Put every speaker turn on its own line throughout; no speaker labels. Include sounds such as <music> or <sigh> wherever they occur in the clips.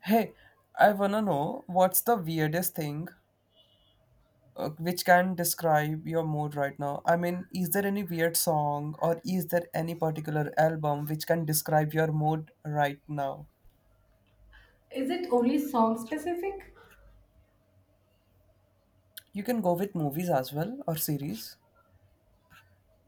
Hey, I wanna know what's the weirdest thing which can describe your mood right now? I mean, is there any weird song or is there any particular album which can describe your mood right now?
Is it only song specific?
You can go with movies as well or series.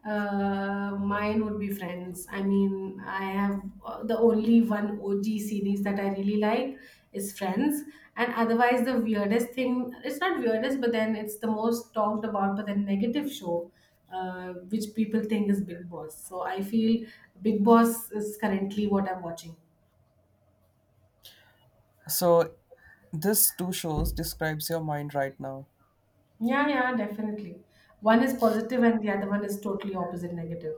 Mine would be Friends. I mean, I have the only one OG series that I really like is Friends. And otherwise, the weirdest thing. It's not weirdest, but then it's the most talked about, but then negative show, which people think is Big Boss. So I feel Big Boss is currently what I'm watching.
So, this two shows describes your mind right now.
Yeah, yeah, definitely. One is positive and the other one is totally opposite negative.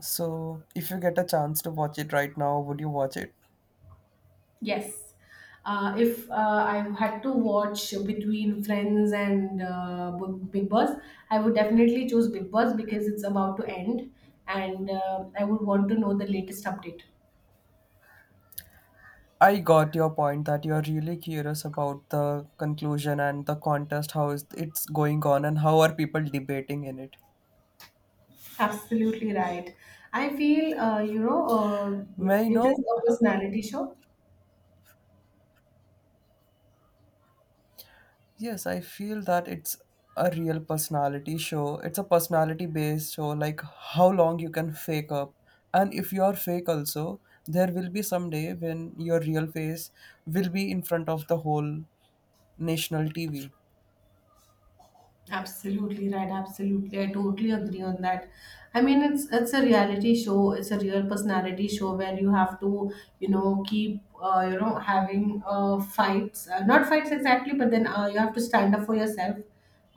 So, if you get a chance to watch it right now, would you watch it?
Yes. If I had to watch between Friends and Big Boss, I would definitely choose Big Boss because it's about to end, and I would want to know the latest update.
I got your point that you're really curious about the conclusion and the contest, how is it's going on and how are people debating in it.
Absolutely right. I feel,
May I
it is
know?
a personality show.
Yes, I feel that it's a real personality show. It's a personality based show, like how long you can fake up. And if you're fake also, there will be some day when your real face will be in front of the whole national TV.
Absolutely right. Absolutely. I totally agree on that. I mean, it's a reality show. It's a real personality show where you have to, you know, keep, having fights. Not fights exactly, but then you have to stand up for yourself.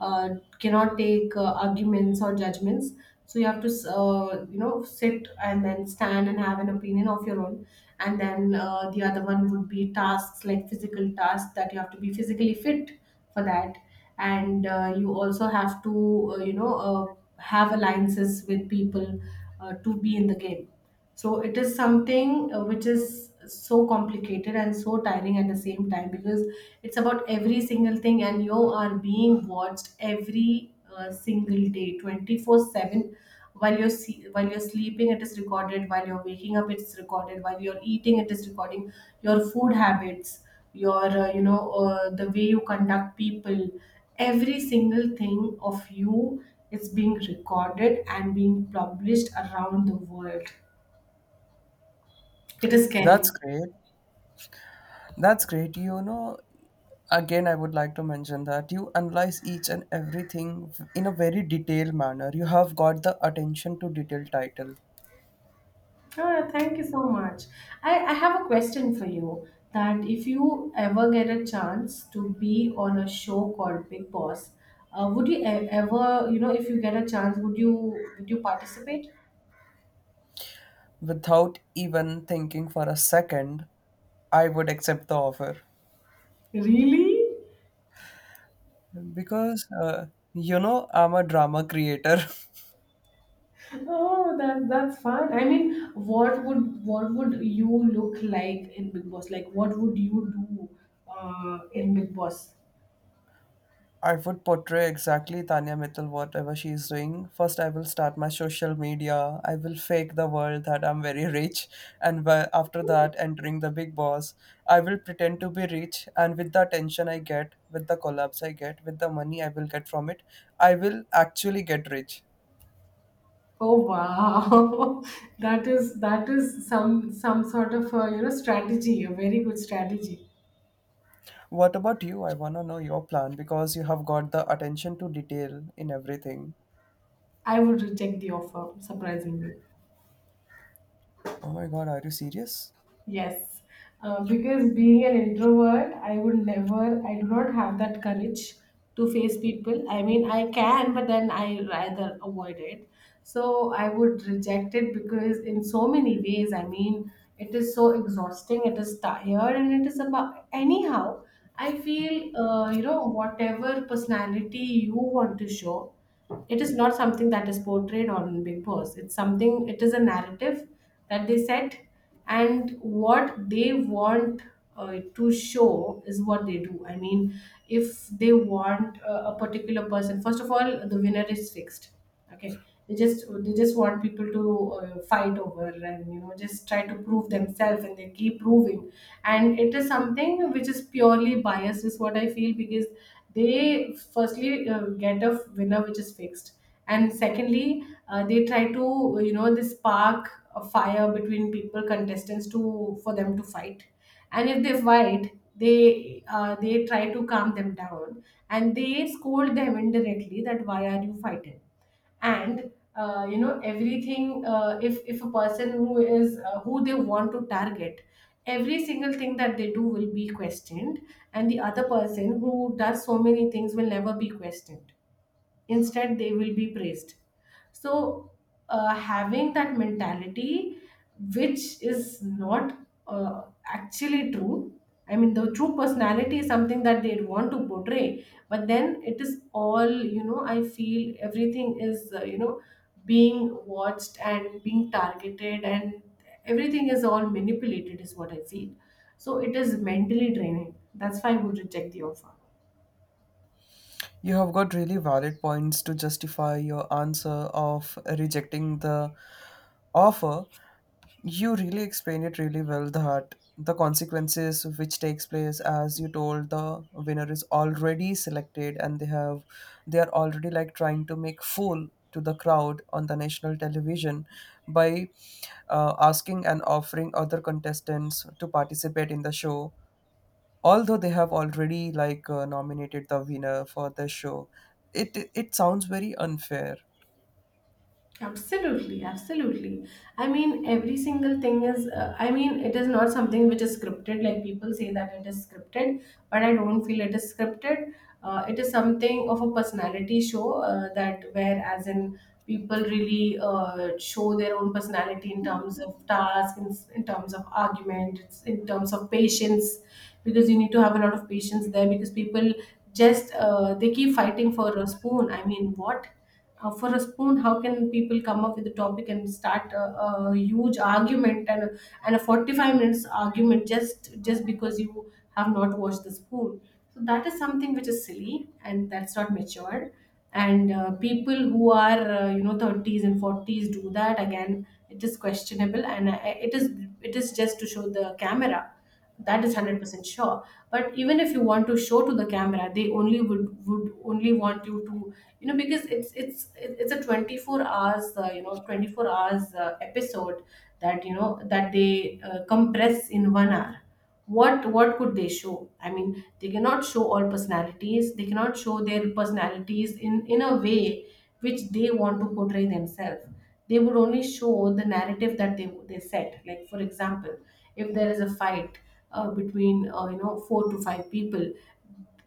Uh, Cannot take arguments or judgments. So you have to, sit and then stand and have an opinion of your own. And then the other one would be tasks, like physical tasks, that you have to be physically fit for that. And you also have to have alliances with people to be in the game. So it is something which is so complicated and so tiring at the same time, because it's about every single thing, and you are being watched every single day, 24/7. While you're sleeping, it is recorded. While you're waking up, it's recorded. While you're eating, it is recording your food habits, your the way you conduct people, every single thing of you is being recorded and being published around the world. It is
That's
scary.
great. That's great. You know, again, I would like to mention that you analyze each and everything in a very detailed manner. You have got the attention to detail title
Ah, thank you so much. I have a question for you, that if you ever get a chance to be on a show called Big Boss, would you ever, you know, if you get a chance, would you participate?
without even thinking for a second. I would accept the offer
Really?
because you know I'm a drama creator. <laughs>
Oh, that that's fun. I mean, what would you look like in Big Boss? Like, what would you do in Big Boss?
I would portray exactly Tanya Mittal, whatever she's doing. First, I will start my social media. I will fake the world that I'm very rich. And after that, entering the big boss, I will pretend to be rich. And with the attention I get, with the collabs I get, with the money I will get from it, I will actually get rich.
Oh wow, <laughs> that is some sort of a, you know, strategy, a very good strategy.
What about you? I want to know your plan because you have got the attention to detail in everything.
I would reject the offer, surprisingly.
Oh my God, are you serious?
Yes, because being an introvert, I would never, I do not have that courage to face people. I mean, I can, but then I rather avoid it. So I would reject it because, in so many ways, I mean, it is so exhausting, it is tired, and it is about, anyhow, I feel, you know, whatever personality you want to show, it is not something that is portrayed on Big Boss. It's something, it is a narrative that they set, and what they want to show is what they do. I mean, if they want a particular person, first of all, the winner is fixed. Okay, they just want people to fight over, and you know, just try to prove themselves, and they keep proving. And it is something which is purely biased, is what I feel, because they firstly get a winner which is fixed. And secondly, they try to, you know, they spark a fire between people, contestants, to, for them to fight. And if they fight, they try to calm them down, and they scold them indirectly that why are you fighting. And everything, if a person who is who they want to target, every single thing that they do will be questioned, and the other person who does so many things will never be questioned. Instead, they will be praised. So, having that mentality, which is not actually true, I mean, the true personality is something that they want to portray, but then it is all, you know, I feel everything is, being watched and being targeted, and everything is all manipulated, is what I feel. So, it is mentally draining. That's why I would reject the offer.
You have got really valid points to justify your answer of rejecting the offer. You really explain it really well, that the consequences which takes place, as you told, the winner is already selected, and they are already like trying to make fool to the crowd on the national television by asking and offering other contestants to participate in the show, although they have already like nominated the winner for the show. It sounds very unfair.
Absolutely, absolutely. I mean, every single thing is, I mean, it is not something which is scripted. Like people say that it is scripted, but I don't feel it is scripted. It is something of a personality show that where, as in, people really show their own personality in terms of task, in terms of argument, it's in terms of patience, because you need to have a lot of patience there, because people just they keep fighting for a spoon. I mean, what? For a spoon, how can people come up with a topic and start a huge argument, and and a 45 minutes argument, just because you have not washed the spoon? So that is something which is silly, and that's not mature. And people who are 30s and 40s do that. Again, it is questionable, and it is, it is just to show the camera, that is 100% sure. But even if you want to show to the camera, they only would only want you to, you know, because it's a 24 hours, 24 hours episode, that you know, that they compress in 1 hour. What could they show? I mean, they cannot show all personalities. They cannot show their personalities in a way which they want to portray themselves. They would only show the narrative that they set. Like for example, if there is a fight between, four to five people,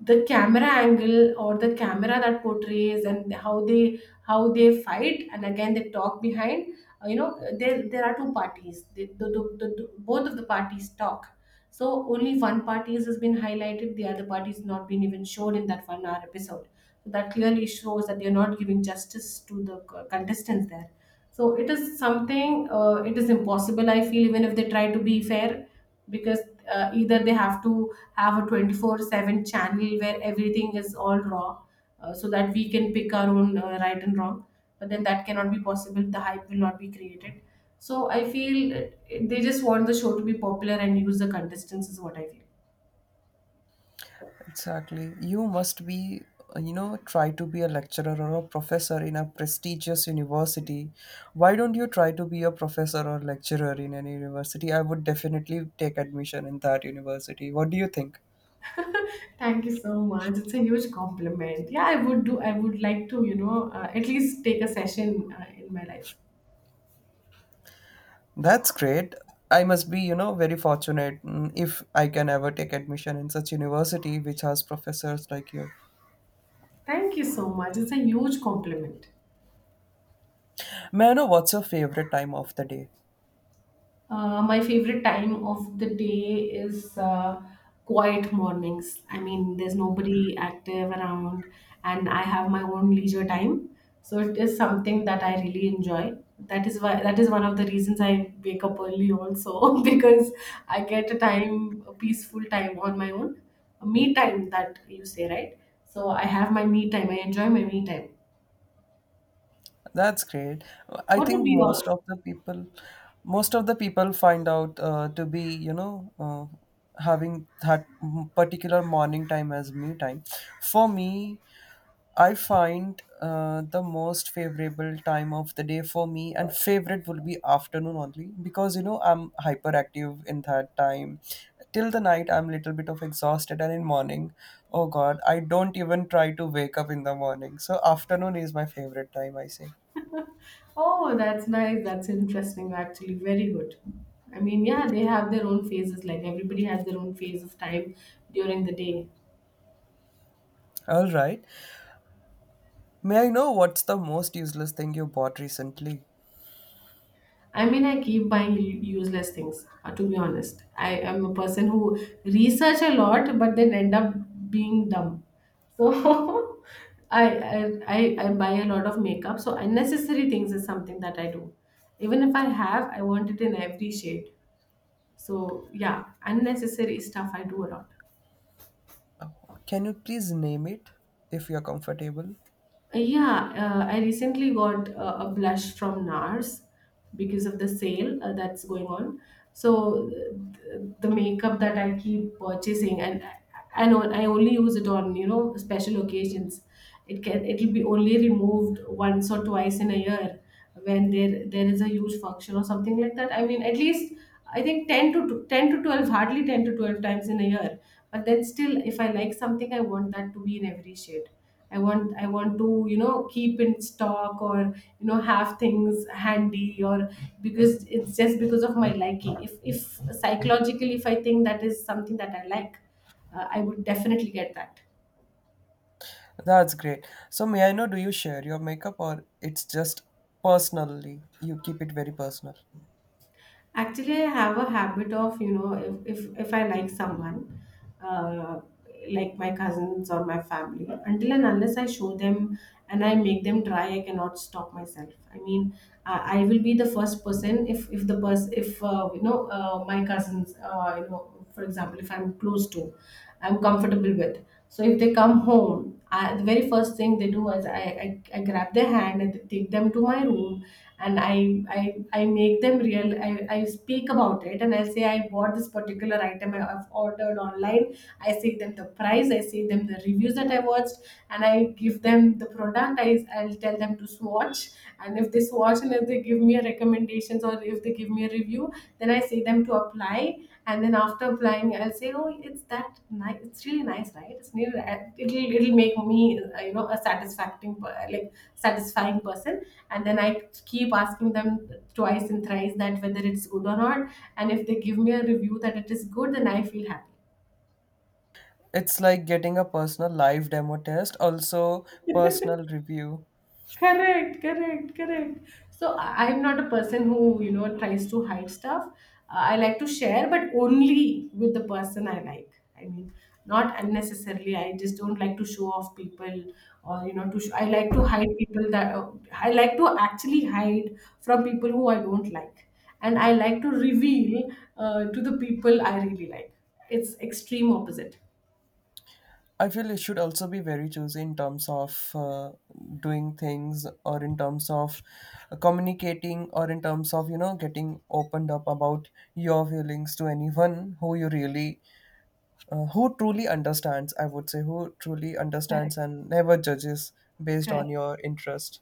the camera angle, or the camera, that portrays, and how they, how they fight, and again they talk behind, uh, you know there there are two parties. They, the- Both of the parties talk, so only one party has been highlighted, the other party is not been even shown in that 1 hour episode. So that clearly shows that they're not giving justice to the contestants there. So it is something, it is impossible, I feel, even if they try to be fair, because either they have to have a 24/7 channel where everything is all raw, so that we can pick our own right and wrong. But then that cannot be possible, the hype will not be created. So I feel they just want the show to be popular and use the contestants, is what I feel.
Exactly. You must be, try to be a lecturer or a professor in a prestigious university. Why don't you try to be a professor or lecturer in any university? I would definitely take admission in that university. What do you think?
Thank you so much. It's a huge compliment. Yeah, I would do. I would like to, you know, at least take a session in my life.
That's great. I must be, very fortunate, if I can ever take admission in such university which has professors like you.
Thank you so much. It's a huge compliment.
May I know what's your favorite time of the day?
My favorite time of the day is quiet mornings. I mean, there's nobody active around, and I have my own leisure time. So it is something that I really enjoy. That is why, that is one of the reasons I wake up early also, <laughs> because I get a time, a peaceful time on my own, a me time, that you say, right? So I have my me time. I enjoy my me time.
That's great. I
What would
think
be
most
yours?
of the people, most of the people find out, to be, having that particular morning time as me time. For me, I find the most favorable time of the day for me, and favorite will be afternoon only because I'm hyperactive in that time. Till the night I'm little bit of exhausted, and in morning, oh God, I don't even try to wake up in the morning. So afternoon is my favorite time, I say.
Oh, that's nice. That's interesting, actually. Very good. I mean, yeah, they have their own phases. Like everybody has their own phase of time during the day.
All right. May I know what's the most useless thing you bought recently?
I mean, I keep buying useless things, to be honest. I am a person who research a lot, but then end up being dumb. So <laughs> I buy a lot of makeup. So unnecessary things is something that I do. Even if I have, I want it in every shade. So yeah, unnecessary stuff I do a lot.
Can you please name it, if you're comfortable?
Yeah, I recently got a blush from NARS, because of the sale that's going on. So the makeup that I keep purchasing, and I know I only use it on, you know, special occasions. It can it'll be only removed once or twice in a year when there is a huge function or something like that. I mean, at least I think 10 to 10 to 12, hardly 10 to 12 times in a year. But then still, if I like something, I want that to be in every shade. I want to, keep in stock or, you know, have things handy, or, because it's just because of my liking, if psychologically if I think that is something that I like, I would definitely get that.
That's great. So may I know, do you share your makeup, or it's just personally you keep it very personal?
Actually, I have a habit of, you know, if I like someone, uh, like my cousins or my family, until and unless I show them and I make them try, I cannot stop myself. I mean, I will be the first person if you know, my cousins, you know, for example, if I'm close to, I'm comfortable with. So if they come home, the very first thing they do is I grab their hand and take them to my room, and I make them real I speak about it, and I say I bought this particular item have ordered online. I say them the price, I say them the reviews that I watched, and I give them the product. I'll tell them to swatch, and if they swatch and person if they give me a recommendations, or if they give me a review, then I say them to apply, and then after applying, I'll say, oh, it's that nice, it's really nice, right? It's really, it'll make me, you know, a satisfying, like satisfying person. And then I keep asking them twice and thrice that whether it's good or not. And if they give me a review that it is good, then I feel happy.
It's like getting a personal live demo test, also personal review.
Correct, correct, correct. So I'm not a person who, you know, tries to hide stuff. I like to share, but only with the person I like. I mean, not unnecessarily. I just don't like to show off people, or, you know, to I like to hide people that I like to actually hide from people who I don't like. And I like to reveal to the people I really like. It's extreme opposite.
I feel it should also be very choosy in terms of, doing things, or in terms of, communicating, or in terms of, getting opened up about your feelings to anyone who you really, who truly understands, I would say, who truly understands
Correct,
and never judges based on
correct.
your interest.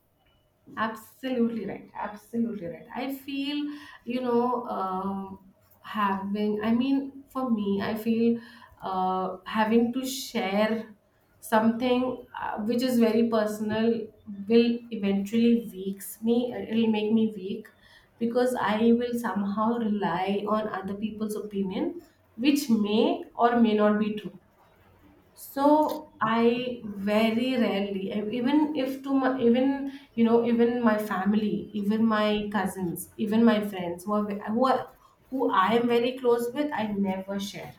Absolutely right. Absolutely right. I feel, you know, um, having, I mean, for me, I feel having to share something which is very personal will eventually weaks me. It'll make me weak because I will somehow rely on other people's opinion, which may or may not be true. So I very rarely, even if to my, even, you know, even my family, even my cousins, even my friends who are who I am very close with, I never share.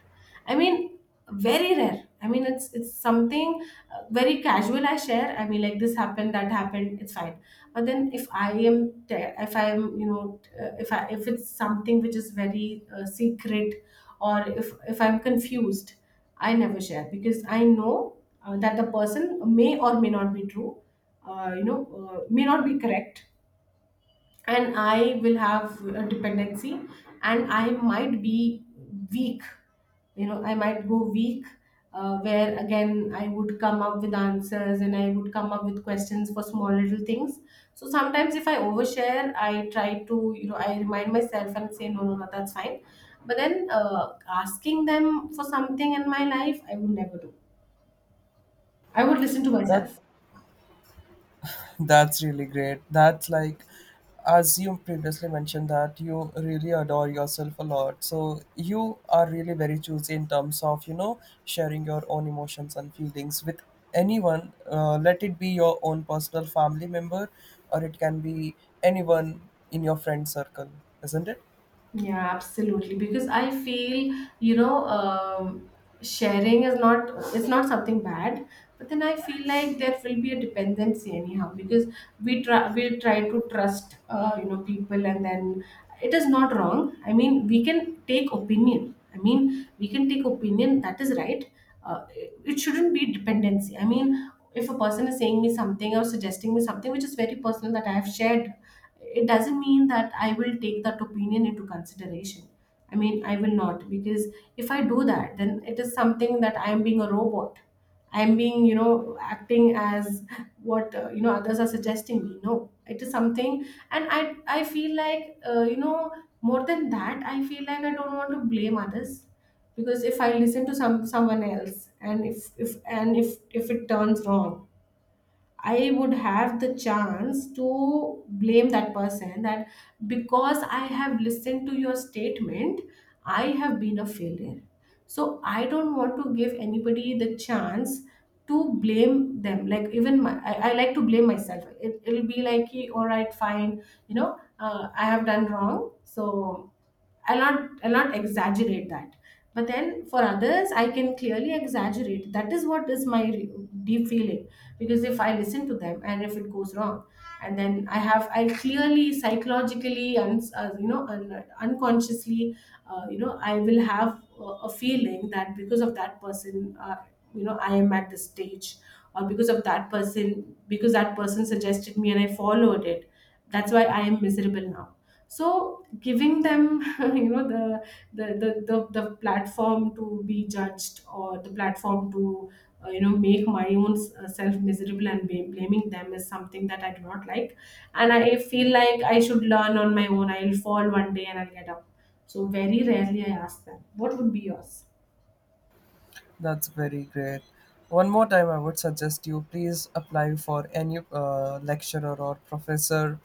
I mean, very rare. I mean, it's something very casual I share. I mean, like this happened, that happened, it's fine. But then if I am, if I am, you know, if I if it's something which is very secret, or if I'm confused, I never share because I know that the person may or may not be true, uh, you know, may not be correct, and I will have a dependency, and I might be weak. You know, I might go weak. Where again I would come up with answers and I would come up with questions for small little things. So sometimes if I overshare, I try to, you know, I remind myself and say no, no, no, that's fine. But then asking them for something in my life, I would never do. I would listen to
that
myself.
that's really great. That's like, as you previously mentioned, that you really adore yourself a lot, so you are really very choosy in terms of, sharing your own emotions and feelings with anyone, let it be your own personal family member, or it can be anyone in your friend circle, isn't it?
Yeah, absolutely. Because I feel, sharing is not it's not something bad, but then I feel like there will be a dependency anyhow because we try to trust, you know, people, and then it is not wrong. I mean, we can take opinion. I mean, we can take opinion. That is right. It it shouldn't be dependency. I mean, if a person is saying me something or suggesting me something which is very personal that I have shared, it doesn't mean that I will take that opinion into consideration. I mean, I will not, because if I do that, then it is something that I am being a robot. I am being, you know, acting as what, you know, others are suggesting me. No, it is something, and I feel like, more than that, I feel like I don't want to blame others. Because if I listen to someone else, and if it turns wrong, I would have the chance to blame that person that, because I have listened to your statement, I have been a failure. So I don't want to give anybody the chance to blame them. Like, even my I like to blame myself. It'll be like, "Ki, all right, fine, you know, I have done wrong." So I'll not exaggerate that. But then for others, I can clearly exaggerate. That is what is my deep feeling. Because if I listen to them and if it goes wrong, and then I have, I clearly psychologically and, you know, unconsciously, you know, I will have a feeling that because of that person, you know, I am at this stage, or because of that person, because that person suggested me and I followed it, that's why I am miserable now. So giving them <laughs> you know, the platform to be judged, or the platform to, you know, make my own self miserable and blaming them is something that I do not like. And I feel like I should learn on my own. I'll fall one day and I'll get up. So very rarely I ask them. What would be yours?
That's very great. One more time, I would suggest you please apply for any lecturer or professor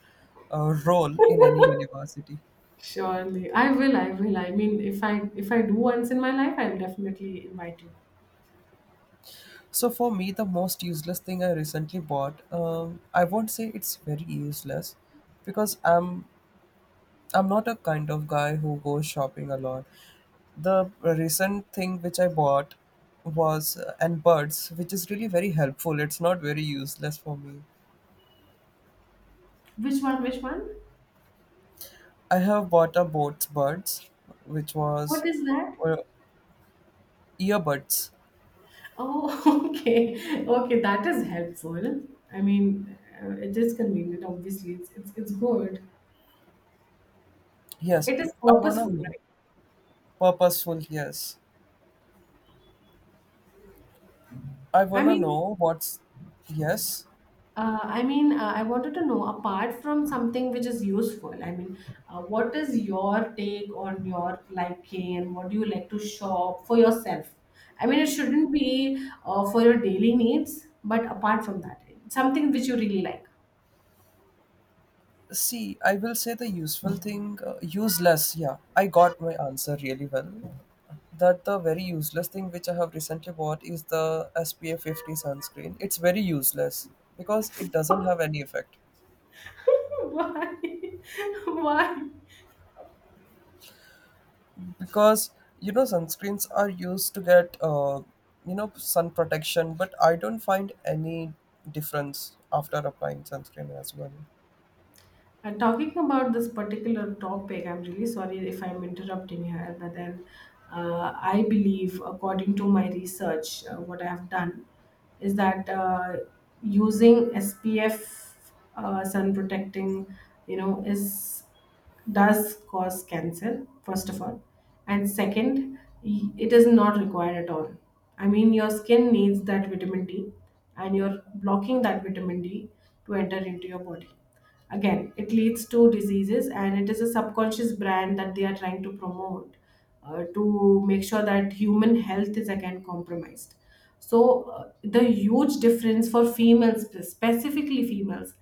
role in any university.
Surely, I will. I will. I mean, if I do once in my life, I'll definitely invite you.
So, for me, the most useless thing I recently bought, I won't say it's very useless, because I'm not a kind of guy who goes shopping a lot. The recent thing which I bought was and birds, which is really very helpful. It's not very useless for me.
Which one, which one?
I have bought a Boats buds, which
What
was,
is that?
uh, earbuds.
Oh, <laughs> okay. Okay, that is helpful. I mean, it is convenient, obviously. It's good.
Yes,
It is
I wanna
purposeful,
know.
right?
Purposeful, yes. I
I
wanna
mean,
know what's. Yes.
I mean, I wanted to know, apart from something which is useful, I mean, what is your take on your liking, and what do you like to shop for yourself? I mean, it shouldn't be for your daily needs, but apart from that, something which you really like.
See, I will say the useful thing, useless. Yeah, I got my answer really well. That the very useless thing which I have recently bought is the SPF 50 sunscreen. It's very useless because it doesn't
<laughs>
have any effect.
Why? <laughs> Why?
Because you know sunscreens are used to get, sun protection, but I don't find any difference after applying sunscreen as well.
And talking about this particular topic, I'm really sorry if I'm interrupting here, but then I believe, according to my research, what I've done is that using SPF, sun protecting, you know, is does cause cancer, first of all. And second, it is not required at all. I mean, your skin needs that vitamin D, and you're blocking that vitamin D to enter into your body. Again, it leads to diseases, and it is a subconscious brand that they are trying to promote to make sure that human health is again compromised. So the huge difference for females, specifically females,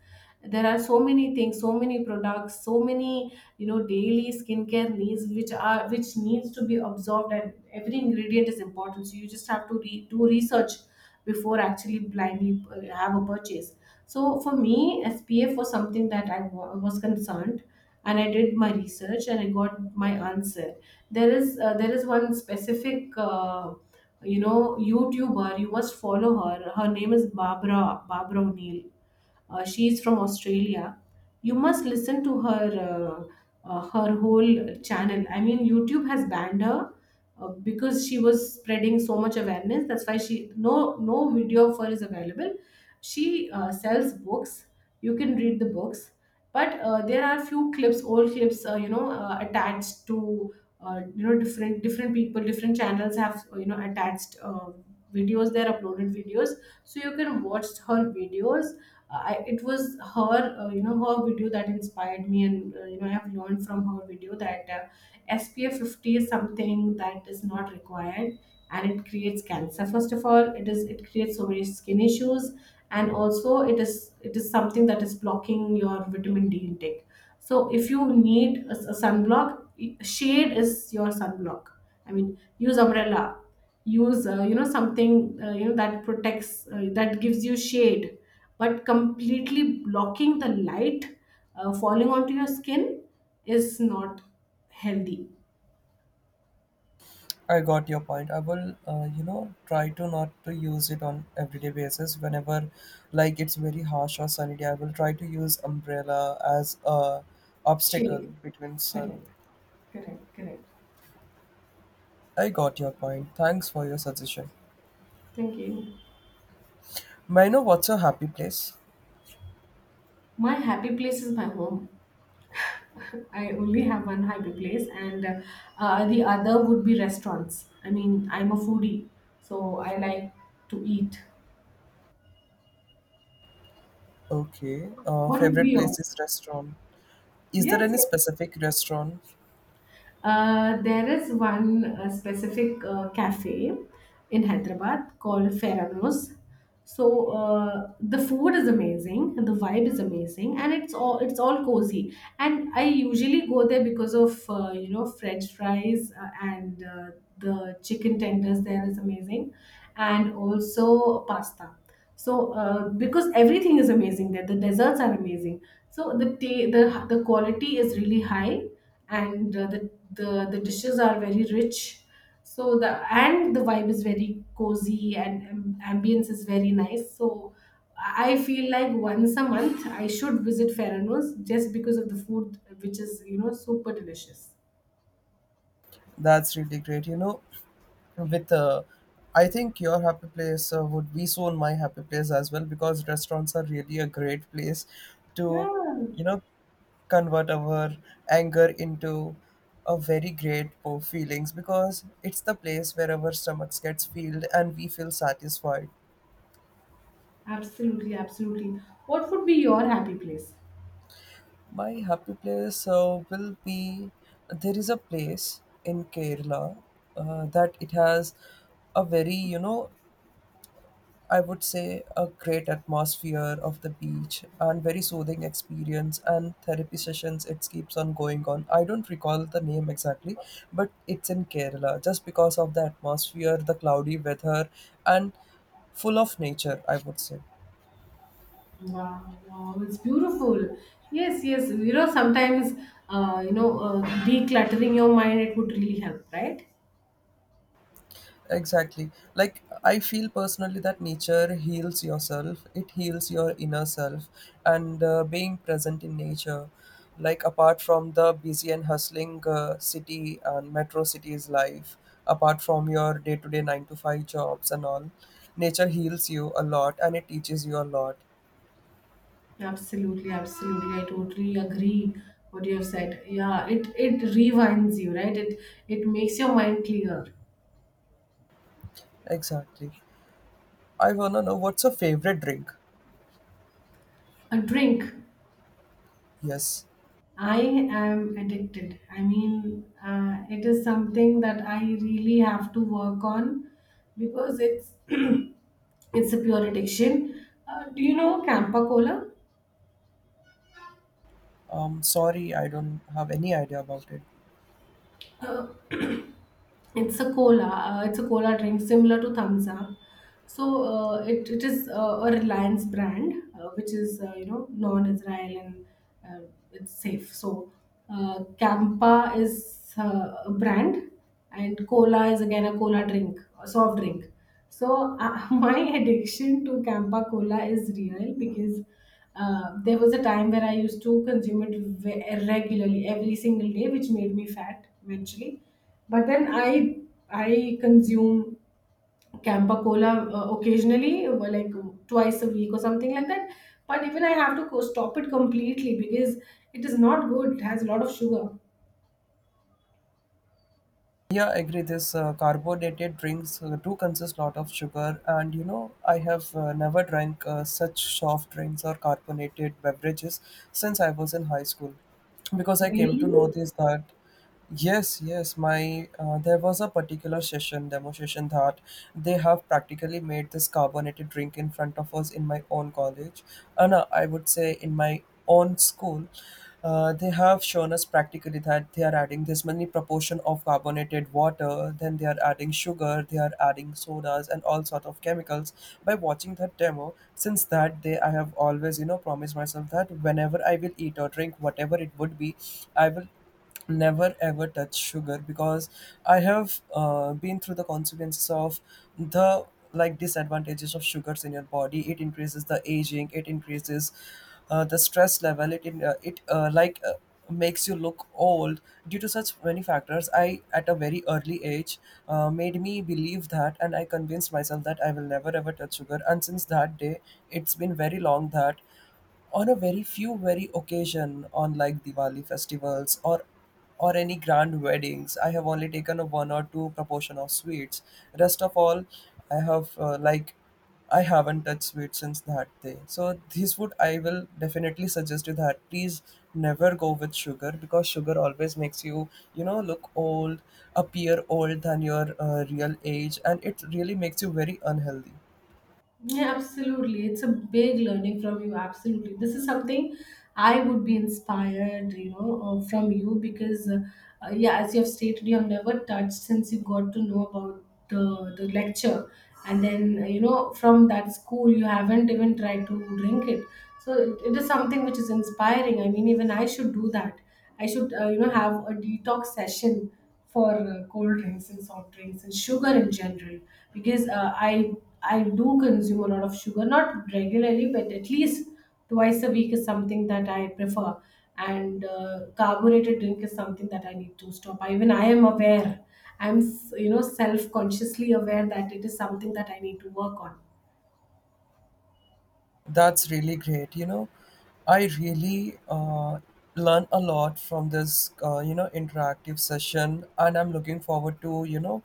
there are so many things, so many products, so many, you know, daily skincare needs, which are which needs to be absorbed, and every ingredient is important. So you just have to do research before actually blindly have a purchase. So for me, SPF was something that was concerned, and I did my research and I got my answer. There is one specific YouTuber you must follow her. Her name is Barbara O'Neill. She is from Australia. You must listen to her, her whole channel. I mean, YouTube has banned her because she was spreading so much awareness. That's why she no video of her is available. She sells books. You can read the books, but there are few clips, old clips, attached to, you know, different people, different channels have, you know, attached videos, their uploaded videos. So you can watch her videos. It was her, you know, her video that inspired me, and, you know, I have learned from her video that, SPF 50 is something that is not required, and it creates cancer. First of all, it creates so many skin issues, and also it is something that is blocking your vitamin D intake. So if you need a sunblock, shade is your sunblock. I mean, use umbrella, use, you know, something, you know, that protects that gives you shade, but completely blocking the light falling onto your skin is not healthy,
I got your point. I will, try to not to use it on everyday basis, whenever like it's very harsh or sunny day. I will try to use umbrella as a obstacle
chill.
between sun.
Correct. Correct. Correct.
I got your point. Thanks for your suggestion.
Thank you.
May I know what's your happy place?
My happy place is my home. <laughs> I only have one happy place, and, the other would be restaurants. I mean, I'm a foodie, so I like to eat.
Okay.
What would be
Favorite place
yours?
is restaurant. Is there
Yes,
any
yes.
specific restaurant?
There is one specific cafe in Hyderabad called Ferranos. So the food is amazing, and the vibe is amazing, and it's all cozy. And I usually go there because of, you know, French fries, and the chicken tenders there is amazing, and also pasta. So because everything is amazing there, the desserts are amazing. So the ta- the quality is really high, and, the dishes are very rich. So the vibe is very cozy, and, ambience is very nice. So I feel like once a month I should visit Ferranos, just because of the food, which is, you know, super delicious.
That's really great. You know, with, I think your happy place would be soon my happy place as well, because restaurants are really a great place to,
Yeah,
you know convert our anger into a very great, feelings, because it's the place where our stomachs gets filled and we feel satisfied.
absolutely, absolutely. What would be your happy place?
My happy place will be, there is a place in Kerala that it has a very, I would say, a great atmosphere of the beach and very soothing experience and therapy sessions. It keeps on going on. I don't recall the name exactly, but it's in Kerala, just because of the atmosphere, the cloudy weather, and full of nature, I would say.
Wow, wow, it's beautiful. Yes, yes. You know, sometimes, decluttering your mind, it would really help, right?
Exactly. Like, I feel personally that nature heals yourself, it heals your inner self, and being present in nature. Like, apart from the busy and hustling city and metro cities life, apart from your day to day 9 to 5 jobs and all, nature heals you a lot and it teaches you a lot.
Absolutely, absolutely. I totally agree what you have said. Yeah, it rewinds you, right? It makes your mind clear.
Exactly. I wanna know what's your favorite drink?
A drink.
Yes.
I am addicted. I mean, it is something that I really have to work on because it's <clears throat> it's a pure addiction. Do you know Campa Cola?
Sorry, I don't have any idea about it.
It's a cola. It's a cola drink similar to Thumbs Up. So it is, a Reliance brand, which is, you know, non-Israel, and it's safe. So Campa is a brand, and cola is again a cola drink, a soft drink. So <laughs> my addiction to Campa cola is real because there was a time where I used to consume it regularly every single day, which made me fat eventually. But then I consume Campa Cola occasionally, like, twice a week or something like that. But even I have to stop it completely because it is not good. It has a lot of sugar.
Yeah, I agree. This carbonated drinks do consist lot of sugar, and I have never drank such soft drinks or carbonated beverages since I was in high school, because I came to
Really?
know this that. Yes, yes. My, there was a particular session demonstration, that they have practically made this carbonated drink in front of us in my own college, and no, I would say in my own school, they have shown us practically that they are adding this many proportion of carbonated water, then they are adding sugar, they are adding sodas and all sort of chemicals. By watching that demo, since that day, I have always, promised myself that whenever I will eat or drink whatever it would be, I will never ever touch sugar, because I have been through the consequences of the, like, disadvantages of sugars in your body. It increases the aging, it increases the stress level. It, like, makes you look old. Due to such many factors, I at a very early age, made me believe that, and I convinced myself that I will never ever touch sugar. And since that day, it's been very long, that on a very few very occasion, on like Diwali festivals or any grand weddings, I have only taken a one or two proportion of sweets. Rest of all, I have I haven't touched sweets since that day. So this would I will definitely suggest you that please never go with sugar, because sugar always makes you, you know look old, appear old than your real age, and it really makes you very unhealthy.
Yeah, absolutely. It's a big learning from you. Absolutely. This is something I would be inspired, you know, yeah, as you have stated, you have never touched since you got to know about the lecture. And then, you know, from that school, you haven't even tried to drink it. So it is something which is inspiring. I mean, even I should do that. I should, you know, have a detox session for cold drinks and soft drinks and sugar in general because I do consume a lot of sugar, not regularly, but at least twice a week is something that I prefer. And carbonated drink is something that I need to stop. Even I am aware, I'm you know, self consciously aware that it is something that I need to work on.
That's really great. I really learn a lot from this, interactive session, and I'm looking forward to,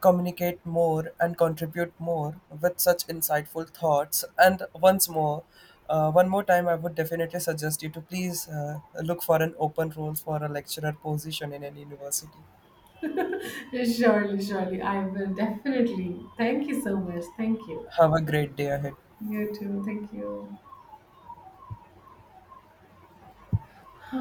communicate more and contribute more with such insightful thoughts. And once more, one more time, I would definitely suggest you to please look for an open role for a lecturer position in an university.
<laughs> Surely, surely, I will definitely. Thank you so much. Thank you.
Have a great day ahead.
You too. Thank you. <sighs>